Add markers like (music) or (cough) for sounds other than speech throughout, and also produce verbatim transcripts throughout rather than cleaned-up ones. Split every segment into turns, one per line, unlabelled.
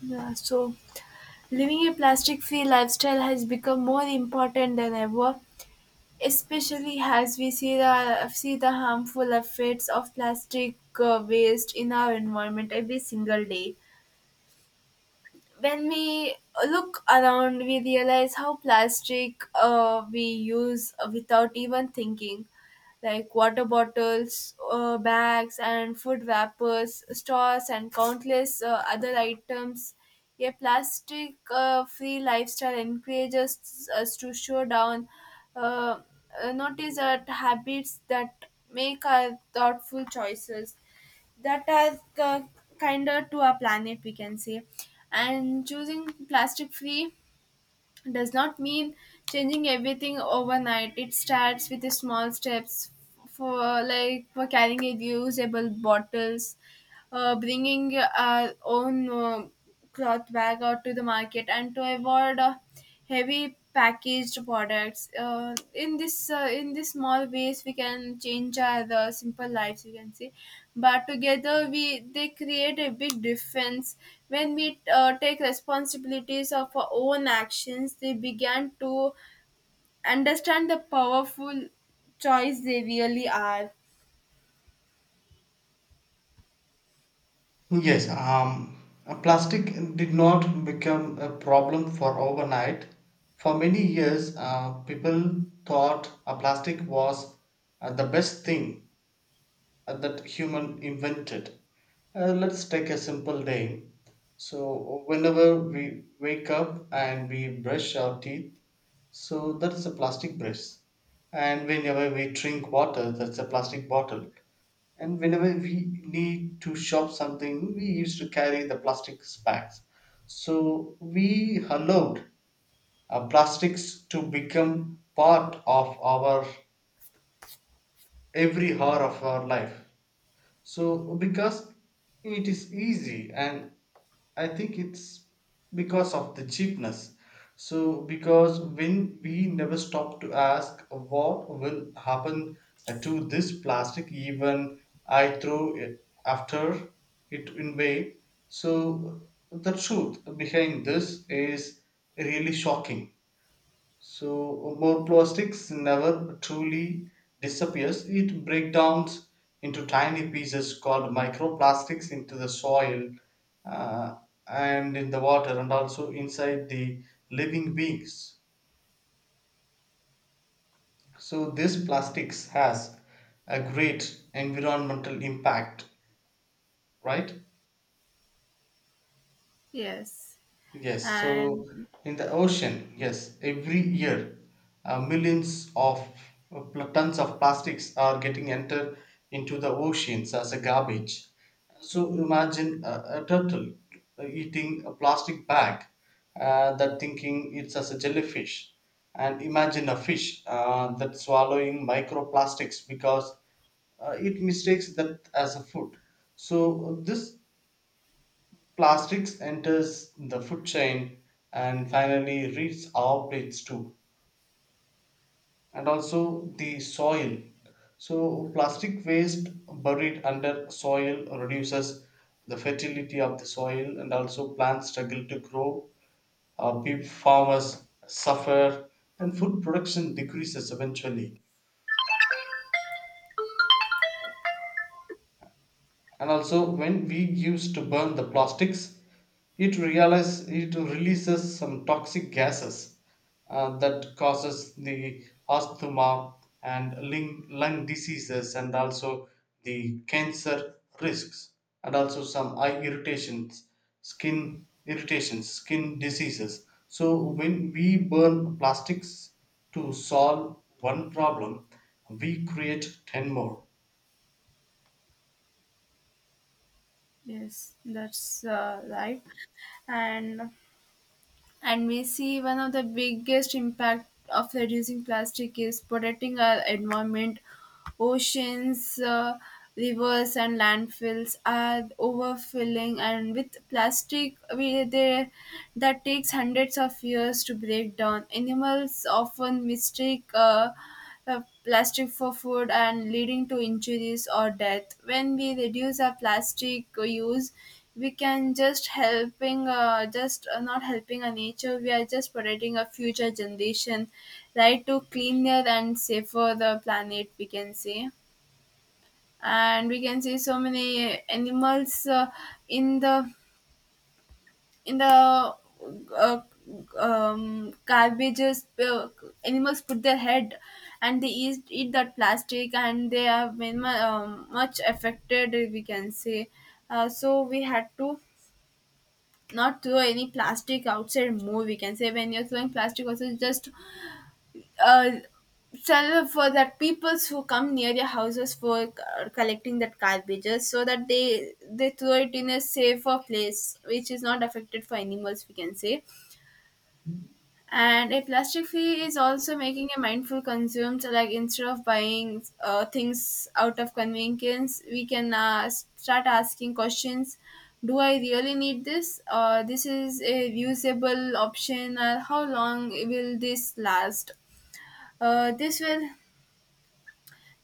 Yeah, so living a plastic free lifestyle has become more important than ever, especially as we see the see the harmful effects of plastic uh, waste in our environment every single day when we look around, we realize how plastic uh, we use without even thinking. Like water bottles, uh, bags, and food wrappers, straws, and countless uh, other items. A plastic uh, free lifestyle encourages us to show down, uh, uh, notice our habits that make our thoughtful choices that are k- kinder to our planet we can say, and choosing plastic free does not mean changing everything overnight. It starts with the small steps for like for carrying reusable bottles, uh, bringing our own uh, cloth bag out to the market, and to avoid uh, heavy packaged products. Uh, in this uh, in these small ways, we can change our uh, simple lives. You can see, but together we they create a big difference when we uh, take responsibilities of our own actions, they began to understand the powerful choice they really are.
Yes, um, uh, Plastic did not become a problem for overnight. For many years, uh, people thought uh, plastic was uh, the best thing uh, that human invented. Uh, let's take a simple day. So, whenever we wake up and we brush our teeth, so that is a plastic brace. And whenever we drink water, that's a plastic bottle. And whenever we need to shop something, we used to carry the plastic bags. So we allowed uh, plastics to become part of our every hour of our life. So because it is easy and I think it's because of the cheapness. So, because when we never stop to ask what will happen uh, to this plastic, even I throw it after it in way. So, the truth behind this is really shocking. So more plastics never truly disappears. It breaks down into tiny pieces called microplastics into the soil uh, and in the water and also inside the living beings. So this plastics has a great environmental impact, right?
Yes.
Yes, so
And
in the ocean, yes, every year uh, millions of uh, pl- tons of plastics are getting entered into the oceans as a garbage. So imagine a, a turtle uh, eating a plastic bag, uh, that thinking it's as a jellyfish, and imagine a fish uh, that swallowing microplastics because uh, it mistakes that as a food. So this plastics enters the food chain and finally reaches our plates too, and also the soil. So, plastic waste buried under soil reduces the fertility of the soil, and also plants struggle to grow. Uh, people, farmers suffer, and food production decreases eventually. And also when we used to burn the plastics it realize it releases some toxic gases uh, that causes the asthma and lung, lung diseases and also the cancer risks and also some eye irritations, skin irritations, skin diseases. So when we burn plastics to solve one problem, we create ten more.
yes, that's uh, right. And and we see one of the biggest impact of reducing plastic is protecting our environment, oceans uh, rivers and landfills are overfilling, and with plastic we, they, that takes hundreds of years to break down. Animals often mistake uh, uh, plastic for food and leading to injuries or death. When we reduce our plastic use we can just helping uh, just uh, not helping a nature, we are just protecting a future generation, right, to cleaner and safer the planet we can say. And we can see so many animals uh, in the in the uh, um, garbages, uh, animals put their head and they eat, eat that plastic and they have been mu- um, much affected we can say. Uh, so we had to not throw any plastic outside more, we can say. When you're throwing plastic also just uh sell for that peoples who come near your houses for uh, collecting that garbages, so that they they throw it in a safer place which is not affected for animals we can say. And a plastic free is also making a mindful consume. So, like instead of buying uh, things out of convenience, we can uh, start asking questions. Do I really need this? Or this is a usable option? Or how long will this last? Uh, this will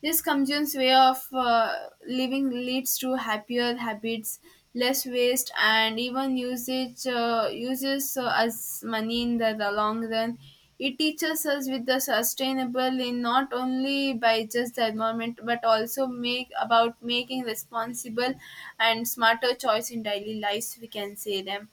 this consumes way of uh, living leads to happier habits, less waste, and even usage uh, uses uh, as money in the, the long run. It teaches us with the sustainable in not only by just the environment but also make about making responsible and smarter choice in daily lives. We can say them.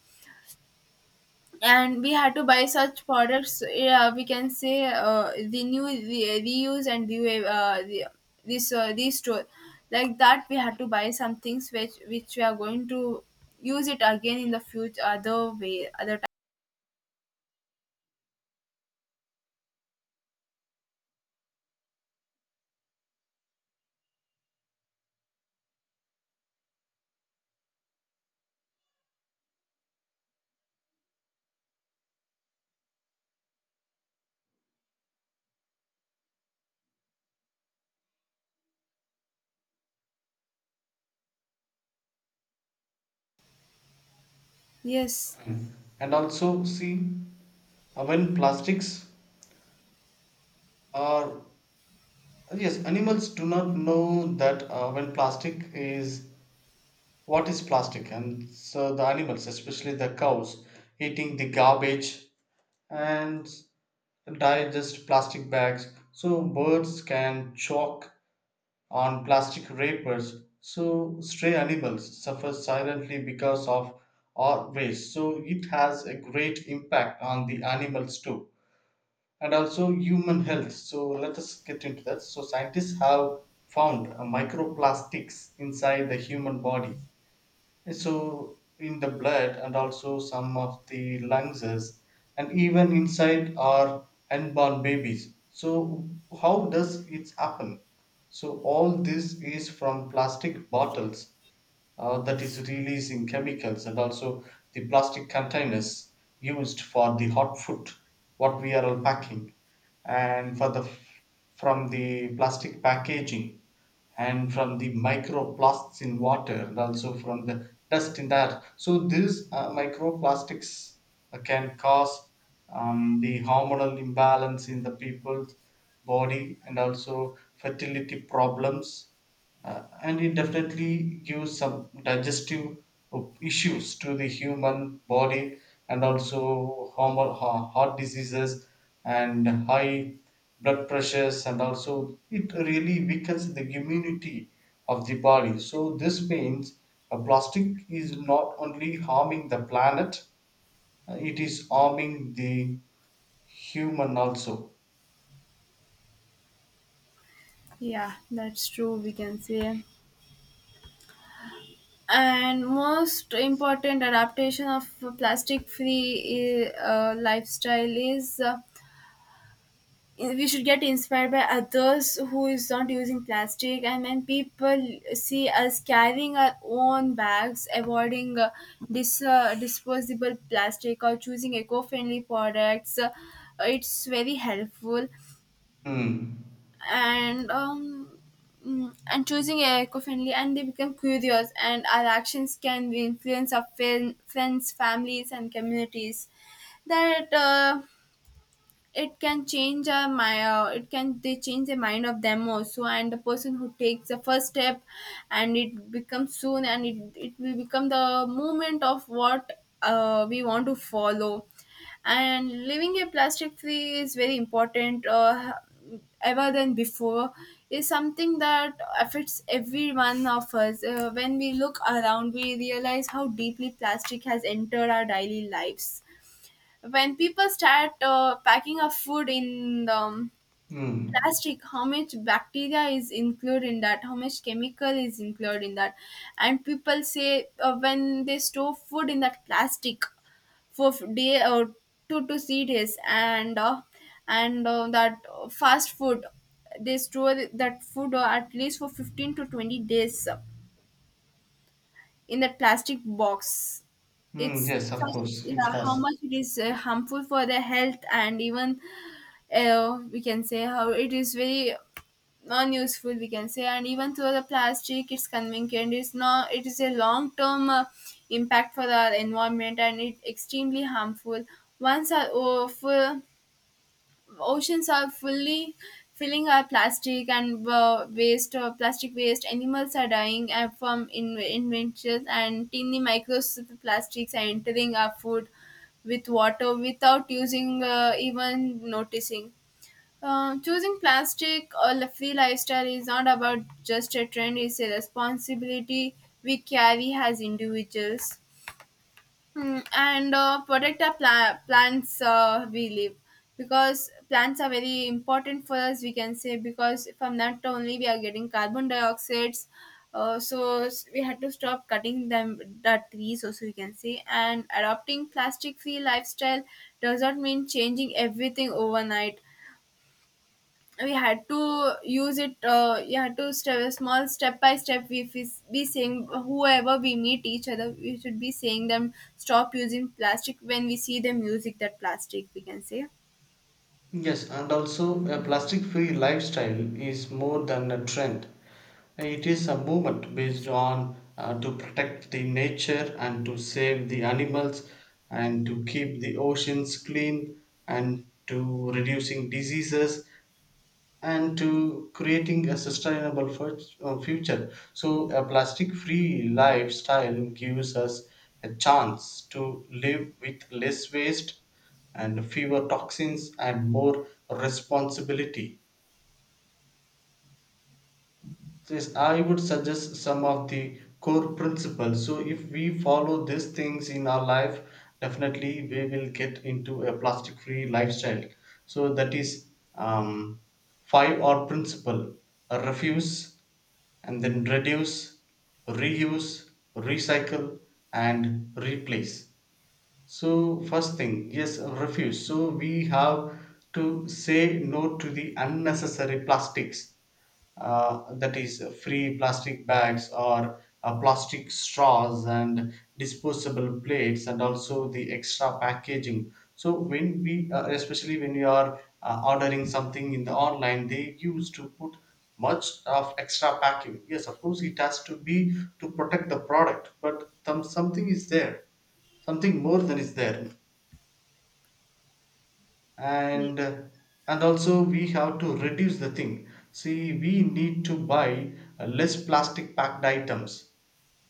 And we had to buy such products, yeah we can say, uh, renew re- reuse and re- uh, re- this uh, restore, like that we had to buy some things which which we are going to use it again in the future other way other time. Yes.
And also see, Uh, when plastics are, yes, animals do not know that uh, when plastic is, what is plastic, and so the animals, especially the cows, eating the garbage and digest plastic bags, so birds can choke on plastic wrappers, so stray animals suffer silently because of our waste. So it has a great impact on the animals too, and also human health. So let us get into that. So scientists have found uh, microplastics inside the human body. So in the blood and also some of the lungs and even inside our unborn babies. So how does it happen? So all this is from plastic bottles uh, that is releasing chemicals and also the plastic containers used for the hot food, what we are all packing, and for the, from the plastic packaging, and from the microplastics in water and also from the dust in the air. So these uh, microplastics uh, can cause um, the hormonal imbalance in the people's body and also fertility problems, uh, and it definitely gives some digestive issues to the human body and also hormone- ha- heart diseases and high blood pressures, and also it really weakens the immunity of the body. So this means uh, plastic is not only harming the planet, uh, it is harming the human also.
Yeah, that's true we can say. And most important adaptation of plastic free uh, lifestyle is, uh, we should get inspired by others who is not using plastic. And when people see us carrying our own bags, avoiding uh, dis- uh, disposable plastic or choosing eco-friendly products, uh, it's very helpful.
Hmm.
and um mm, and choosing eco-friendly, and they become curious, and our actions can influence our fin- friends, families and communities. That uh, It can change uh, my uh, it can they change the mind of them also, and the person who takes the first step, and it becomes soon, and it, it will become the movement of what uh, we want to follow. And living a plastic free is very important, uh, ever than before, is something that affects every one of us. Uh, when we look around we realize how deeply plastic has entered our daily lives. When people start uh, packing up food in the um,
Hmm.
plastic, how much bacteria is included in that, how much chemical is included in that. And people say uh, when they store food in that plastic for f- day or two to three days. And uh, and uh, that uh, fast food, they store that food uh, at least for fifteen to twenty days in that plastic box.
Hmm.
It's
Yes, of
such,
course it
yeah, how
has.
much it is uh, harmful for the health. And even uh, we can say how it is very non-useful we can say. And even though the plastic it's convenient, it's not, it is a long-term uh, impact for the environment, and it extremely harmful once our uh, full oceans are fully filling our plastic and uh, waste uh, plastic waste. Animals are dying uh, from in- inventions, and tiny microplastics are entering our food with water without using uh, even noticing. Uh, choosing plastic or a free lifestyle is not about just a trend, it's a responsibility we carry as individuals. Mm, and uh, protect our pla- plants uh, we live, because plants are very important for us we can say, because from that only we are getting carbon dioxides. Uh, so s- we had to stop cutting them the trees also we can say. And adopting plastic free lifestyle does not mean changing everything overnight. We had to use it, uh, you had to step small step by step, we we be saying whoever we meet each other, we should be saying them stop using plastic when we see them using that plastic we can say.
Yes, and also a plastic free lifestyle is more than a trend. It is a movement based on uh, to protect the nature and to save the animals and to keep the oceans clean and to reducing diseases and to creating a sustainable fut- uh, future. So, a plastic free lifestyle gives us a chance to live with less waste and fewer toxins and more responsibility. So yes, I would suggest some of the core principles. So if we follow these things in our life, definitely we will get into a plastic-free lifestyle. So that is um, five R principle: Uh, refuse, and then reduce, reuse, recycle, and replace. So first thing, yes, refuse. So we have to say no to the unnecessary plastics uh, that is uh, free plastic bags or uh, plastic straws and disposable plates and also the extra packaging. So when we uh, especially when you are uh, ordering something in the online, they used to put much of extra packing. Yes, of course it has to be, to protect the product, but some something is there, something more than is there.
Yeah.
And and also we have to reduce the thing, see, we need to buy uh, less plastic packed items,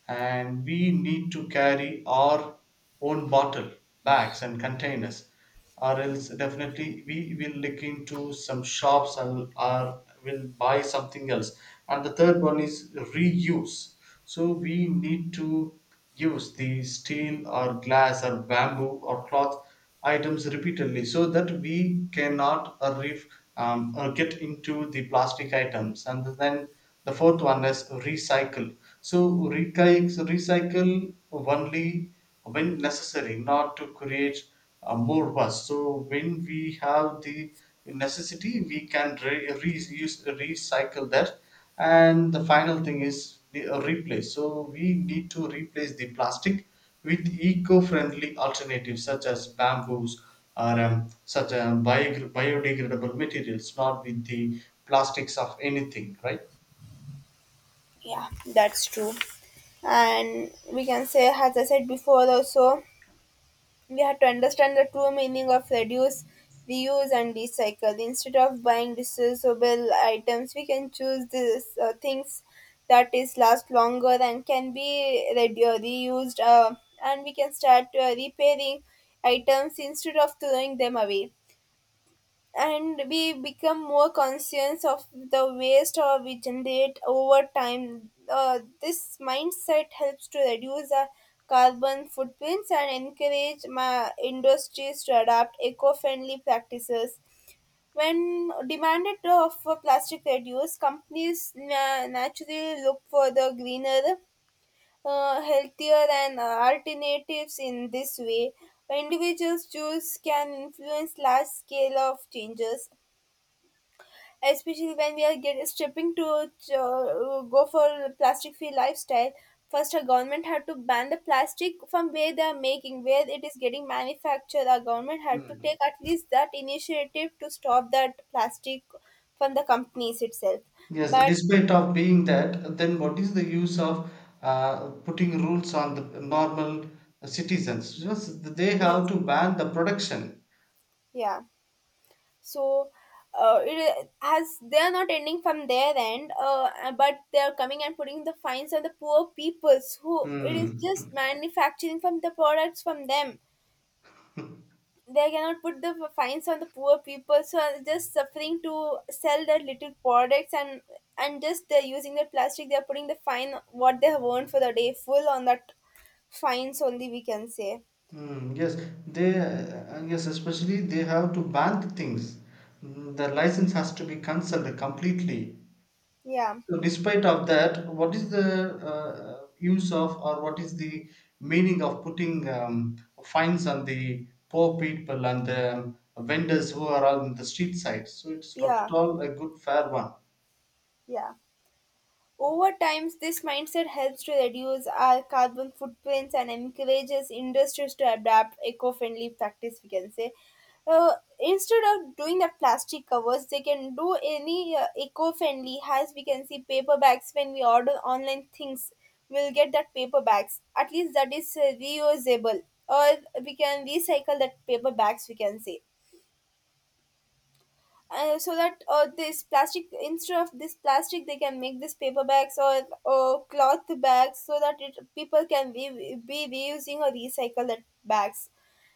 and we need to carry our own bottle, bags and containers, or else definitely we will look into some shops and or will buy something else. And the third one is reuse. So we need to use the steel or glass or bamboo or cloth items repeatedly, so that we cannot uh, ref, um, uh, get into the plastic items. And then the fourth one is recycle. So recycle recycle only when necessary, not to create uh, more waste. So when we have the necessity we can re- reuse, recycle that. And the final thing is the- uh, replace. So we need to replace the plastic with eco-friendly alternatives such as bamboos or um, such a biog- biodegradable materials, not with the plastics of anything, right?
Yeah, that's true, and we can say, as I said before also, we have to understand the true meaning of reduce, reuse, and recycle. Instead of buying disposable items, we can choose these uh, things that is last longer and can be redu- reused, uh, and we can start uh, repairing items instead of throwing them away, and we become more conscious of the waste or we generate over time. Uh, this mindset helps to reduce our carbon footprints and encourage my industries to adopt eco-friendly practices. When demanded of for plastic reduce, companies na- naturally look for the greener, uh, healthier, and uh, alternatives in this way. Individuals' choice can influence large scale of changes, especially when we are get, stripping to uh, go for plastic free lifestyle. First our government had to ban the plastic from where they are making, where it is getting manufactured. Our government had to
Mm.
take at least that initiative to stop that plastic from the companies itself.
Yes,
But
despite of being that, then what is the use of uh, putting rules on the normal citizens? Just they have
yes,
to ban the production.
yeah, so uh, it has, they are not ending from their end, uh, but they are coming and putting the fines on the poor peoples who it is
Mm.
just manufacturing from the products from them. They cannot put the fines on the poor people so are just suffering to sell their little products. and and just they're using their plastic, they're putting the fine what they have earned for the day full on that fines only we can say.
Mm, yes, they uh, yes, especially they have to ban the things. Mm, the license has to be cancelled completely.
Yeah.
So despite of that, what is the uh, use of, or what is the meaning of putting um, fines on the poor people and the vendors who are on the street side? So it's not at
Yeah.
all a good fair one.
Yeah, over time, this mindset helps to reduce our carbon footprints and encourages industries to adapt eco-friendly practice. We can say, uh, instead of doing the plastic covers, they can do any uh, eco-friendly. As we can see, paper bags, when we order online things, we'll get that paper bags. At least that is uh, reusable, or we can recycle that paper bags. We can say, uh, so that uh, this plastic, instead of this plastic they can make this paper bags, or, or cloth bags, so that it, people can be, be reusing or recycle that bags.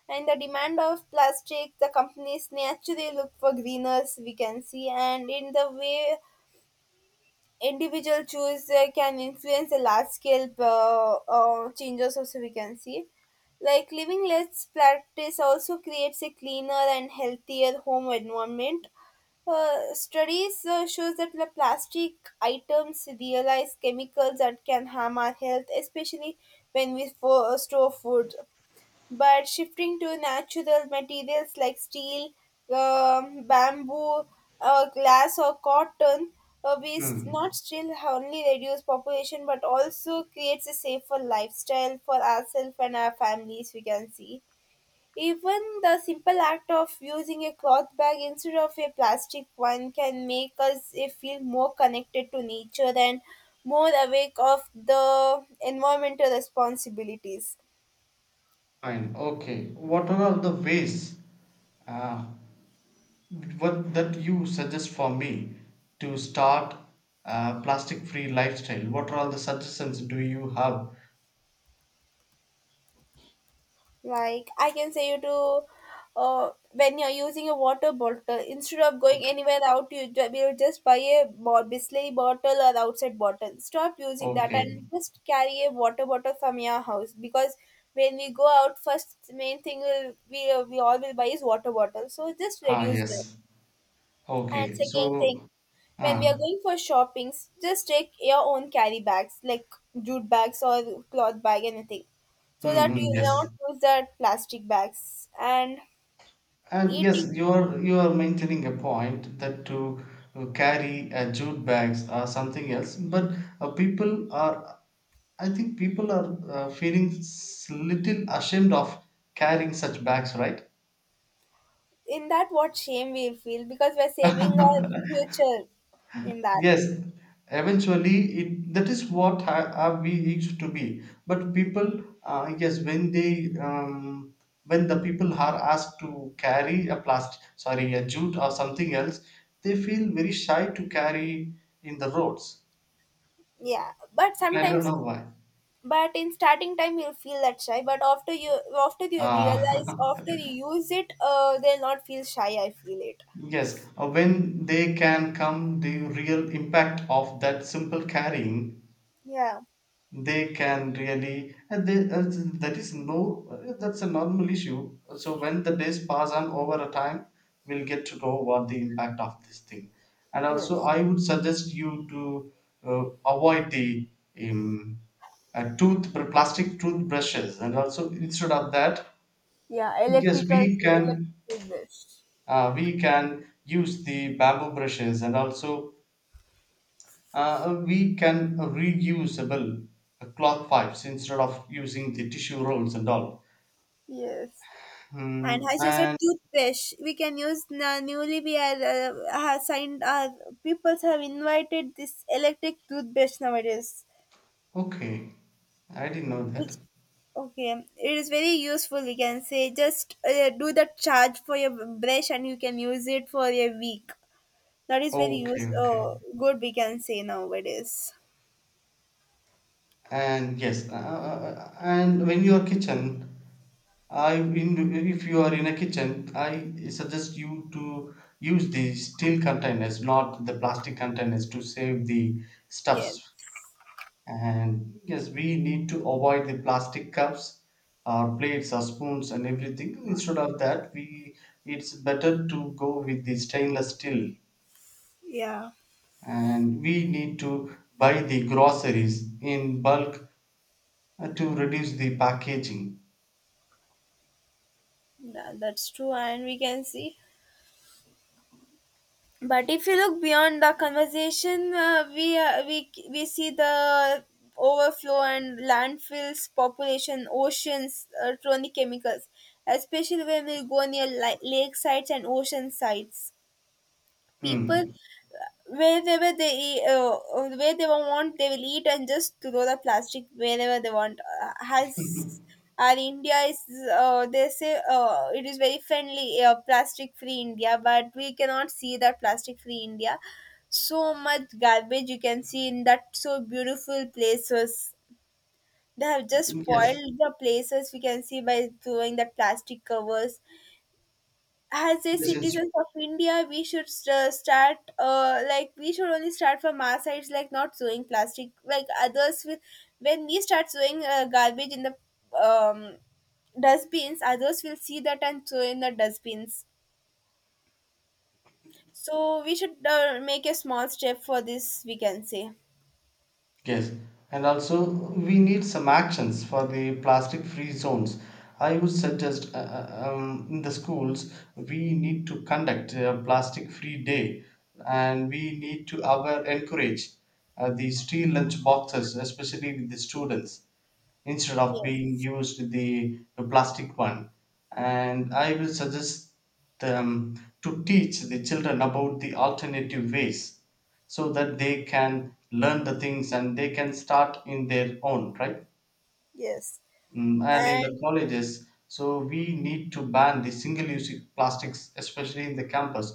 And the demand of plastic, the companies naturally look for greeners we can see, and in the way individual choice uh, can influence the large scale uh, uh, changes also we can see. Like living less practice also creates a cleaner and healthier home environment. Uh, studies uh, shows that the plastic items realize chemicals that can harm our health, especially when we fo- store food. But shifting to natural materials like steel, um, bamboo, uh, glass, or cotton, uh, we s-
Hmm.
not still only reduce population but also creates a safer lifestyle for ourselves and our families. We can see even the simple act of using a cloth bag instead of a plastic one can make us eh, feel more connected to nature and more awake of the environmental responsibilities.
Fine. Okay. What are all the ways uh, what that you suggest for me to start a plastic-free lifestyle? What are all the suggestions do you have?
Like I can say you to, uh, when you're using a water bottle, instead of going anywhere out, you ju- you just buy a bo- Bisley bottle or outside bottle. Stop using that
Okay.
and just carry a water bottle from your house, because when we go out, first main thing will we we all will buy is water bottle. So just
Ah,
reduce that.
yes.
And
Okay,
second
so,
thing, when we are
ah,
going for shoppings, just take your own carry bags, like jute bags or cloth bag, anything, so
mm,
that you
mm,
will
yes,
not use that plastic bags. And
and yes,
eating
you are you are maintaining a point that to carry uh, jute bags or something else, but uh, people are, I think people are uh, feeling s- little ashamed of carrying such bags, right?
in that, what shame we feel because we're saving our
(laughs)
future in that.
Yes, eventually it that is what ha- have we used to be. But people, uh, yes, when they um, when the people are asked to carry a plastic, sorry, a jute or something else, they feel very shy to carry in the roads.
Yeah, but
I don't
sometimes,
know why.
but in starting time you'll feel that shy, but after you after you realize
Ah,
after you use it, uh, they'll not feel shy. I feel it.
(laughs) yes, uh, when they can come the real impact of that simple carrying,
Yeah.
they can really, and they, uh, that is no uh, that's a normal issue. So when the days pass on over a time, we'll get to know what the impact of this thing. And also
Yes.
I would suggest you to uh, avoid the um, uh, tooth plastic toothbrushes, and also instead of that,
Yeah,
yes
electrical
we can
electric dish.
uh, we can use the bamboo brushes, and also uh, we can reusable cloth pipes instead of using the tissue rolls and all.
Yes. And
Mm,
as you said,
and
toothpaste. We can use na- newly we are uh, have signed. Uh, people have invited this electric toothpaste nowadays,
okay, I didn't know
which
that.
okay, it is very useful. We can say just uh, do the charge for your brush, and you can use it for a week. That is very
Okay,
use
okay.
uh, good. We can say nowadays.
And yes, uh, uh, uh, and when you are kitchen, I in, if you are in a kitchen, I suggest you to use the steel containers, not the plastic containers, to save the
Yes.
stuffs. And yes, we need to avoid the plastic cups, our plates, our spoons, and everything. Instead of that, we, it's better to go with the stainless steel.
Yeah.
And we need to buy the groceries in bulk uh, to reduce the packaging.
That, that's true, and we can see. But if you look beyond the conversation, uh, we, uh, we we see the overflow and landfills, population, oceans, uh, chronic chemicals, especially when we go near li- lake sites and ocean sites. People
Hmm.
wherever they uh, uh, where they want they will eat and just throw the plastic wherever they want uh, has
(laughs)
our India is, uh, they say, uh, it is very friendly, uh, plastic free India, but we cannot see that plastic free India. So much garbage you can see in that, so beautiful places. They have just
Yes,
spoiled the places, we can see, by throwing the plastic covers. As a
yes, yes.
citizens of India, we should uh, start, uh, like we should only start from our sides, like not throwing plastic. Like others will, when we start throwing uh, garbage in the um, dustbins, others will see that and throw in the dustbins. So we should uh, make a small step for this, we can say.
Yes, and also we need some actions for the plastic free zones. I would suggest uh, uh, um, in the schools we need to conduct a plastic free day, and we need to our encourage uh, the steel lunch boxes, especially with the students, instead of being
Yes,
used the, the plastic one. And I will suggest them to teach the children about the alternative ways so that they can learn the things and they can start in their own right.
yes,
Mm, and in the
and
colleges, so we need to ban the single use plastics, especially in the campus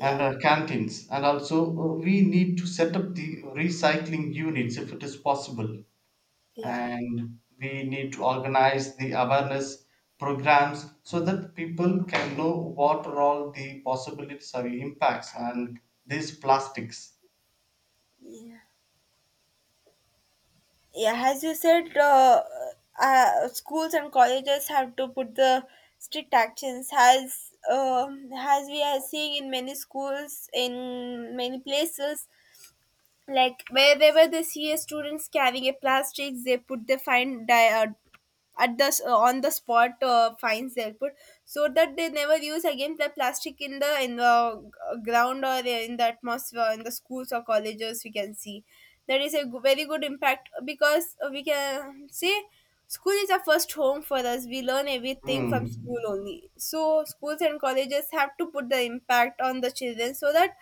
and our canteens. And also uh, we need to set up the recycling units if it is possible.
yeah,
And we need to organize the awareness programs so that people can know what are all the possibilities or impacts and these plastics.
yeah. Yeah, as you said, uh, uh, schools and colleges have to put the strict actions, as um as we are seeing in many schools, in many places, like wherever they see a students carrying a plastics, they put the fine di- uh, at the s- uh, on the spot uh, fines they'll put, so that they never use again the plastic in the in the g- ground or in the atmosphere in the schools or colleges. We can see that is a g- very good impact, because we can see school is our first home for us, we learn everything from school
Hmm.
only. So schools and colleges have to put the impact on the children, so that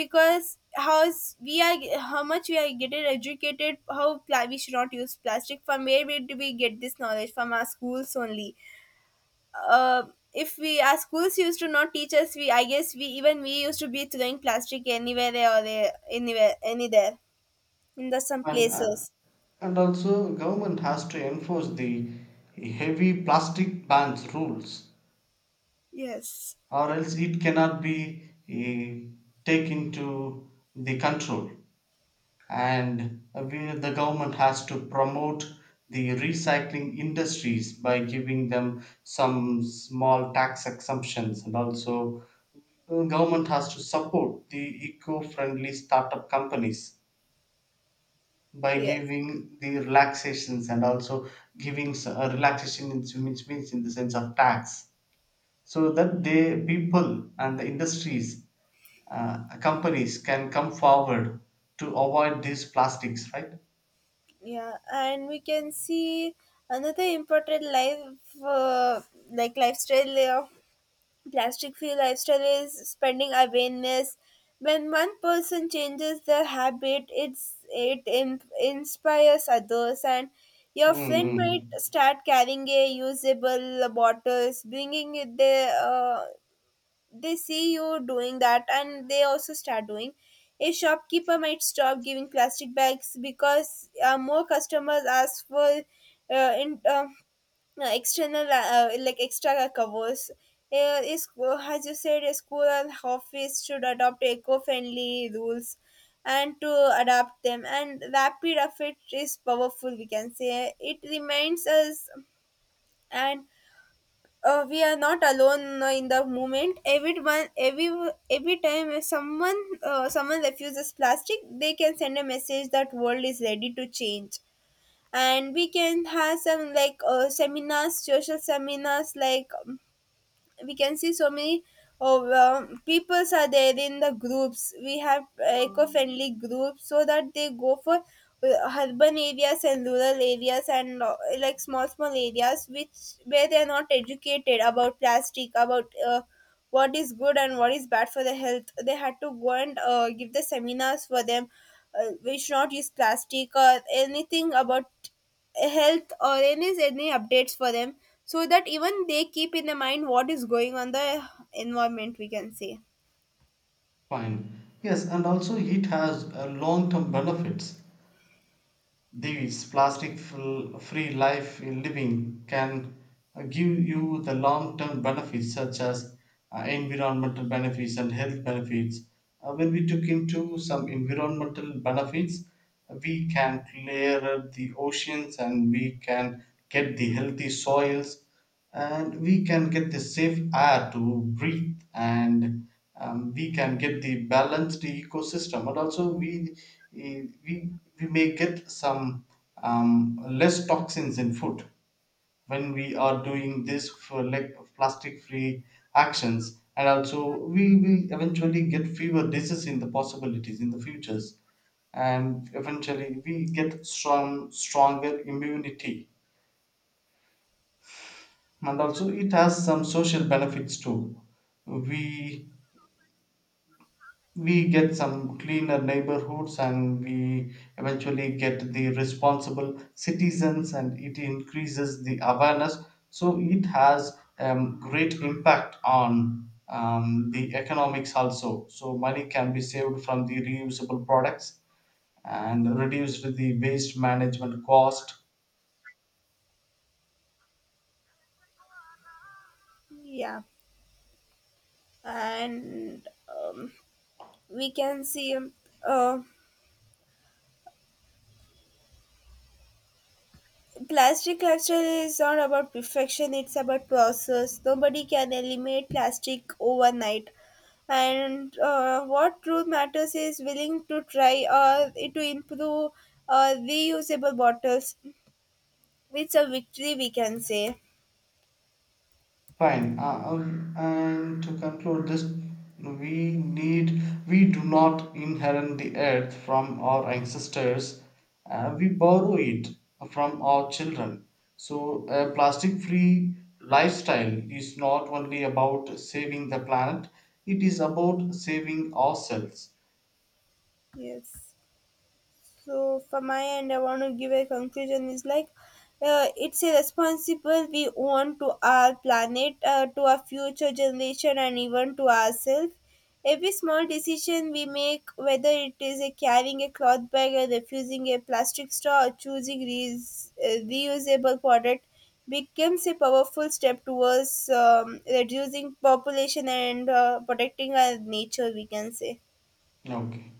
because how is- we are, how much we are getting educated, how pla- we should not use plastic. From where we, do we get this knowledge? From our schools only. uh, if we our schools used to not teach us, we I guess we even we used to be throwing plastic anywhere there or there, anywhere, anywhere, in the some
And, uh,
places.
and also government has to enforce the heavy plastic bans rules,
Yes,
or else it cannot be uh, taken to the control. And uh, we, the government has to promote the recycling industries by giving them some small tax exemptions. And also uh, government has to support the eco-friendly startup companies by
yes,
giving the relaxations, and also giving s- a relaxation in, which means in the sense of tax, so that the people and the industries, uh, companies can come forward to avoid these plastics, right?
yeah, and we can see another important life, uh, like lifestyle layer. Plastic free lifestyle is spreading awareness. When one person changes their habit, it's it in, inspires others, and your
Mm,
friend might
mm.
start carrying a usable bottles, bringing it there. Uh, they see you doing that and they also start doing. A shopkeeper might stop giving plastic bags because uh, more customers ask for, uh, in, um, uh, external, uh, like extra covers. Uh, is As you said, a school and office should adopt eco-friendly rules and to adapt them, and rapid effect is powerful, we can say. It reminds us, and uh, we are not alone uh, in the movement. Everyone, every every time someone, uh, someone refuses plastic, they can send a message that world is ready to change. And we can have some like, uh, seminars, social seminars, like, um, we can see so many, oh, um, peoples are there in the groups. We have eco-friendly groups, so that they go for uh, urban areas and rural areas, and uh, like small small areas which where they are not educated about plastic, about uh, what is good and what is bad for the health. They had to go and uh, give the seminars for them. Uh, we should not use plastic, or anything about health or any any updates for them, so that even they keep in their mind what is going on the environment, we can say.
Fine. Yes, and also it has uh, long-term benefits. These plastic-free life in living can uh, give you the long-term benefits such as uh, environmental benefits and health benefits. Uh, when we took into some environmental benefits, we can clear the oceans, and we can get the healthy soils, and we can get the safe air to breathe, and um, we can get the balanced ecosystem. And also we eh, we, we may get some um, less toxins in food when we are doing this for like plastic free actions. And also we will eventually get fewer diseases in the possibilities in the futures, and eventually we get strong stronger immunity. And also it has some social benefits too. we we get some cleaner neighborhoods, and we eventually get the responsible citizens, and it increases the awareness. So it has um, great impact on um, the economics also. So money can be saved from the reusable products and reduced the waste management cost.
Yeah, and um, we can see, um, uh, plastic culture is not about perfection, it's about process. Nobody can eliminate plastic overnight, and uh, what truth matters is willing to try or to improve, uh, reusable bottles. It's a victory, we can say.
Fine. Uh, um, and to conclude this, we need, we do not inherit the earth from our ancestors. Uh, we borrow it from our children. So a plastic-free lifestyle is not only about saving the planet; it is about saving ourselves.
Yes. So from my end, I want to give a conclusion is like, uh, it's a responsible we own to our planet, uh, to our future generation, and even to ourselves. Every small decision we make, whether it is a carrying a cloth bag, or refusing a plastic straw, or choosing reus- uh, reusable product, becomes a powerful step towards um, reducing population and uh, protecting our nature, we can say.
Okay.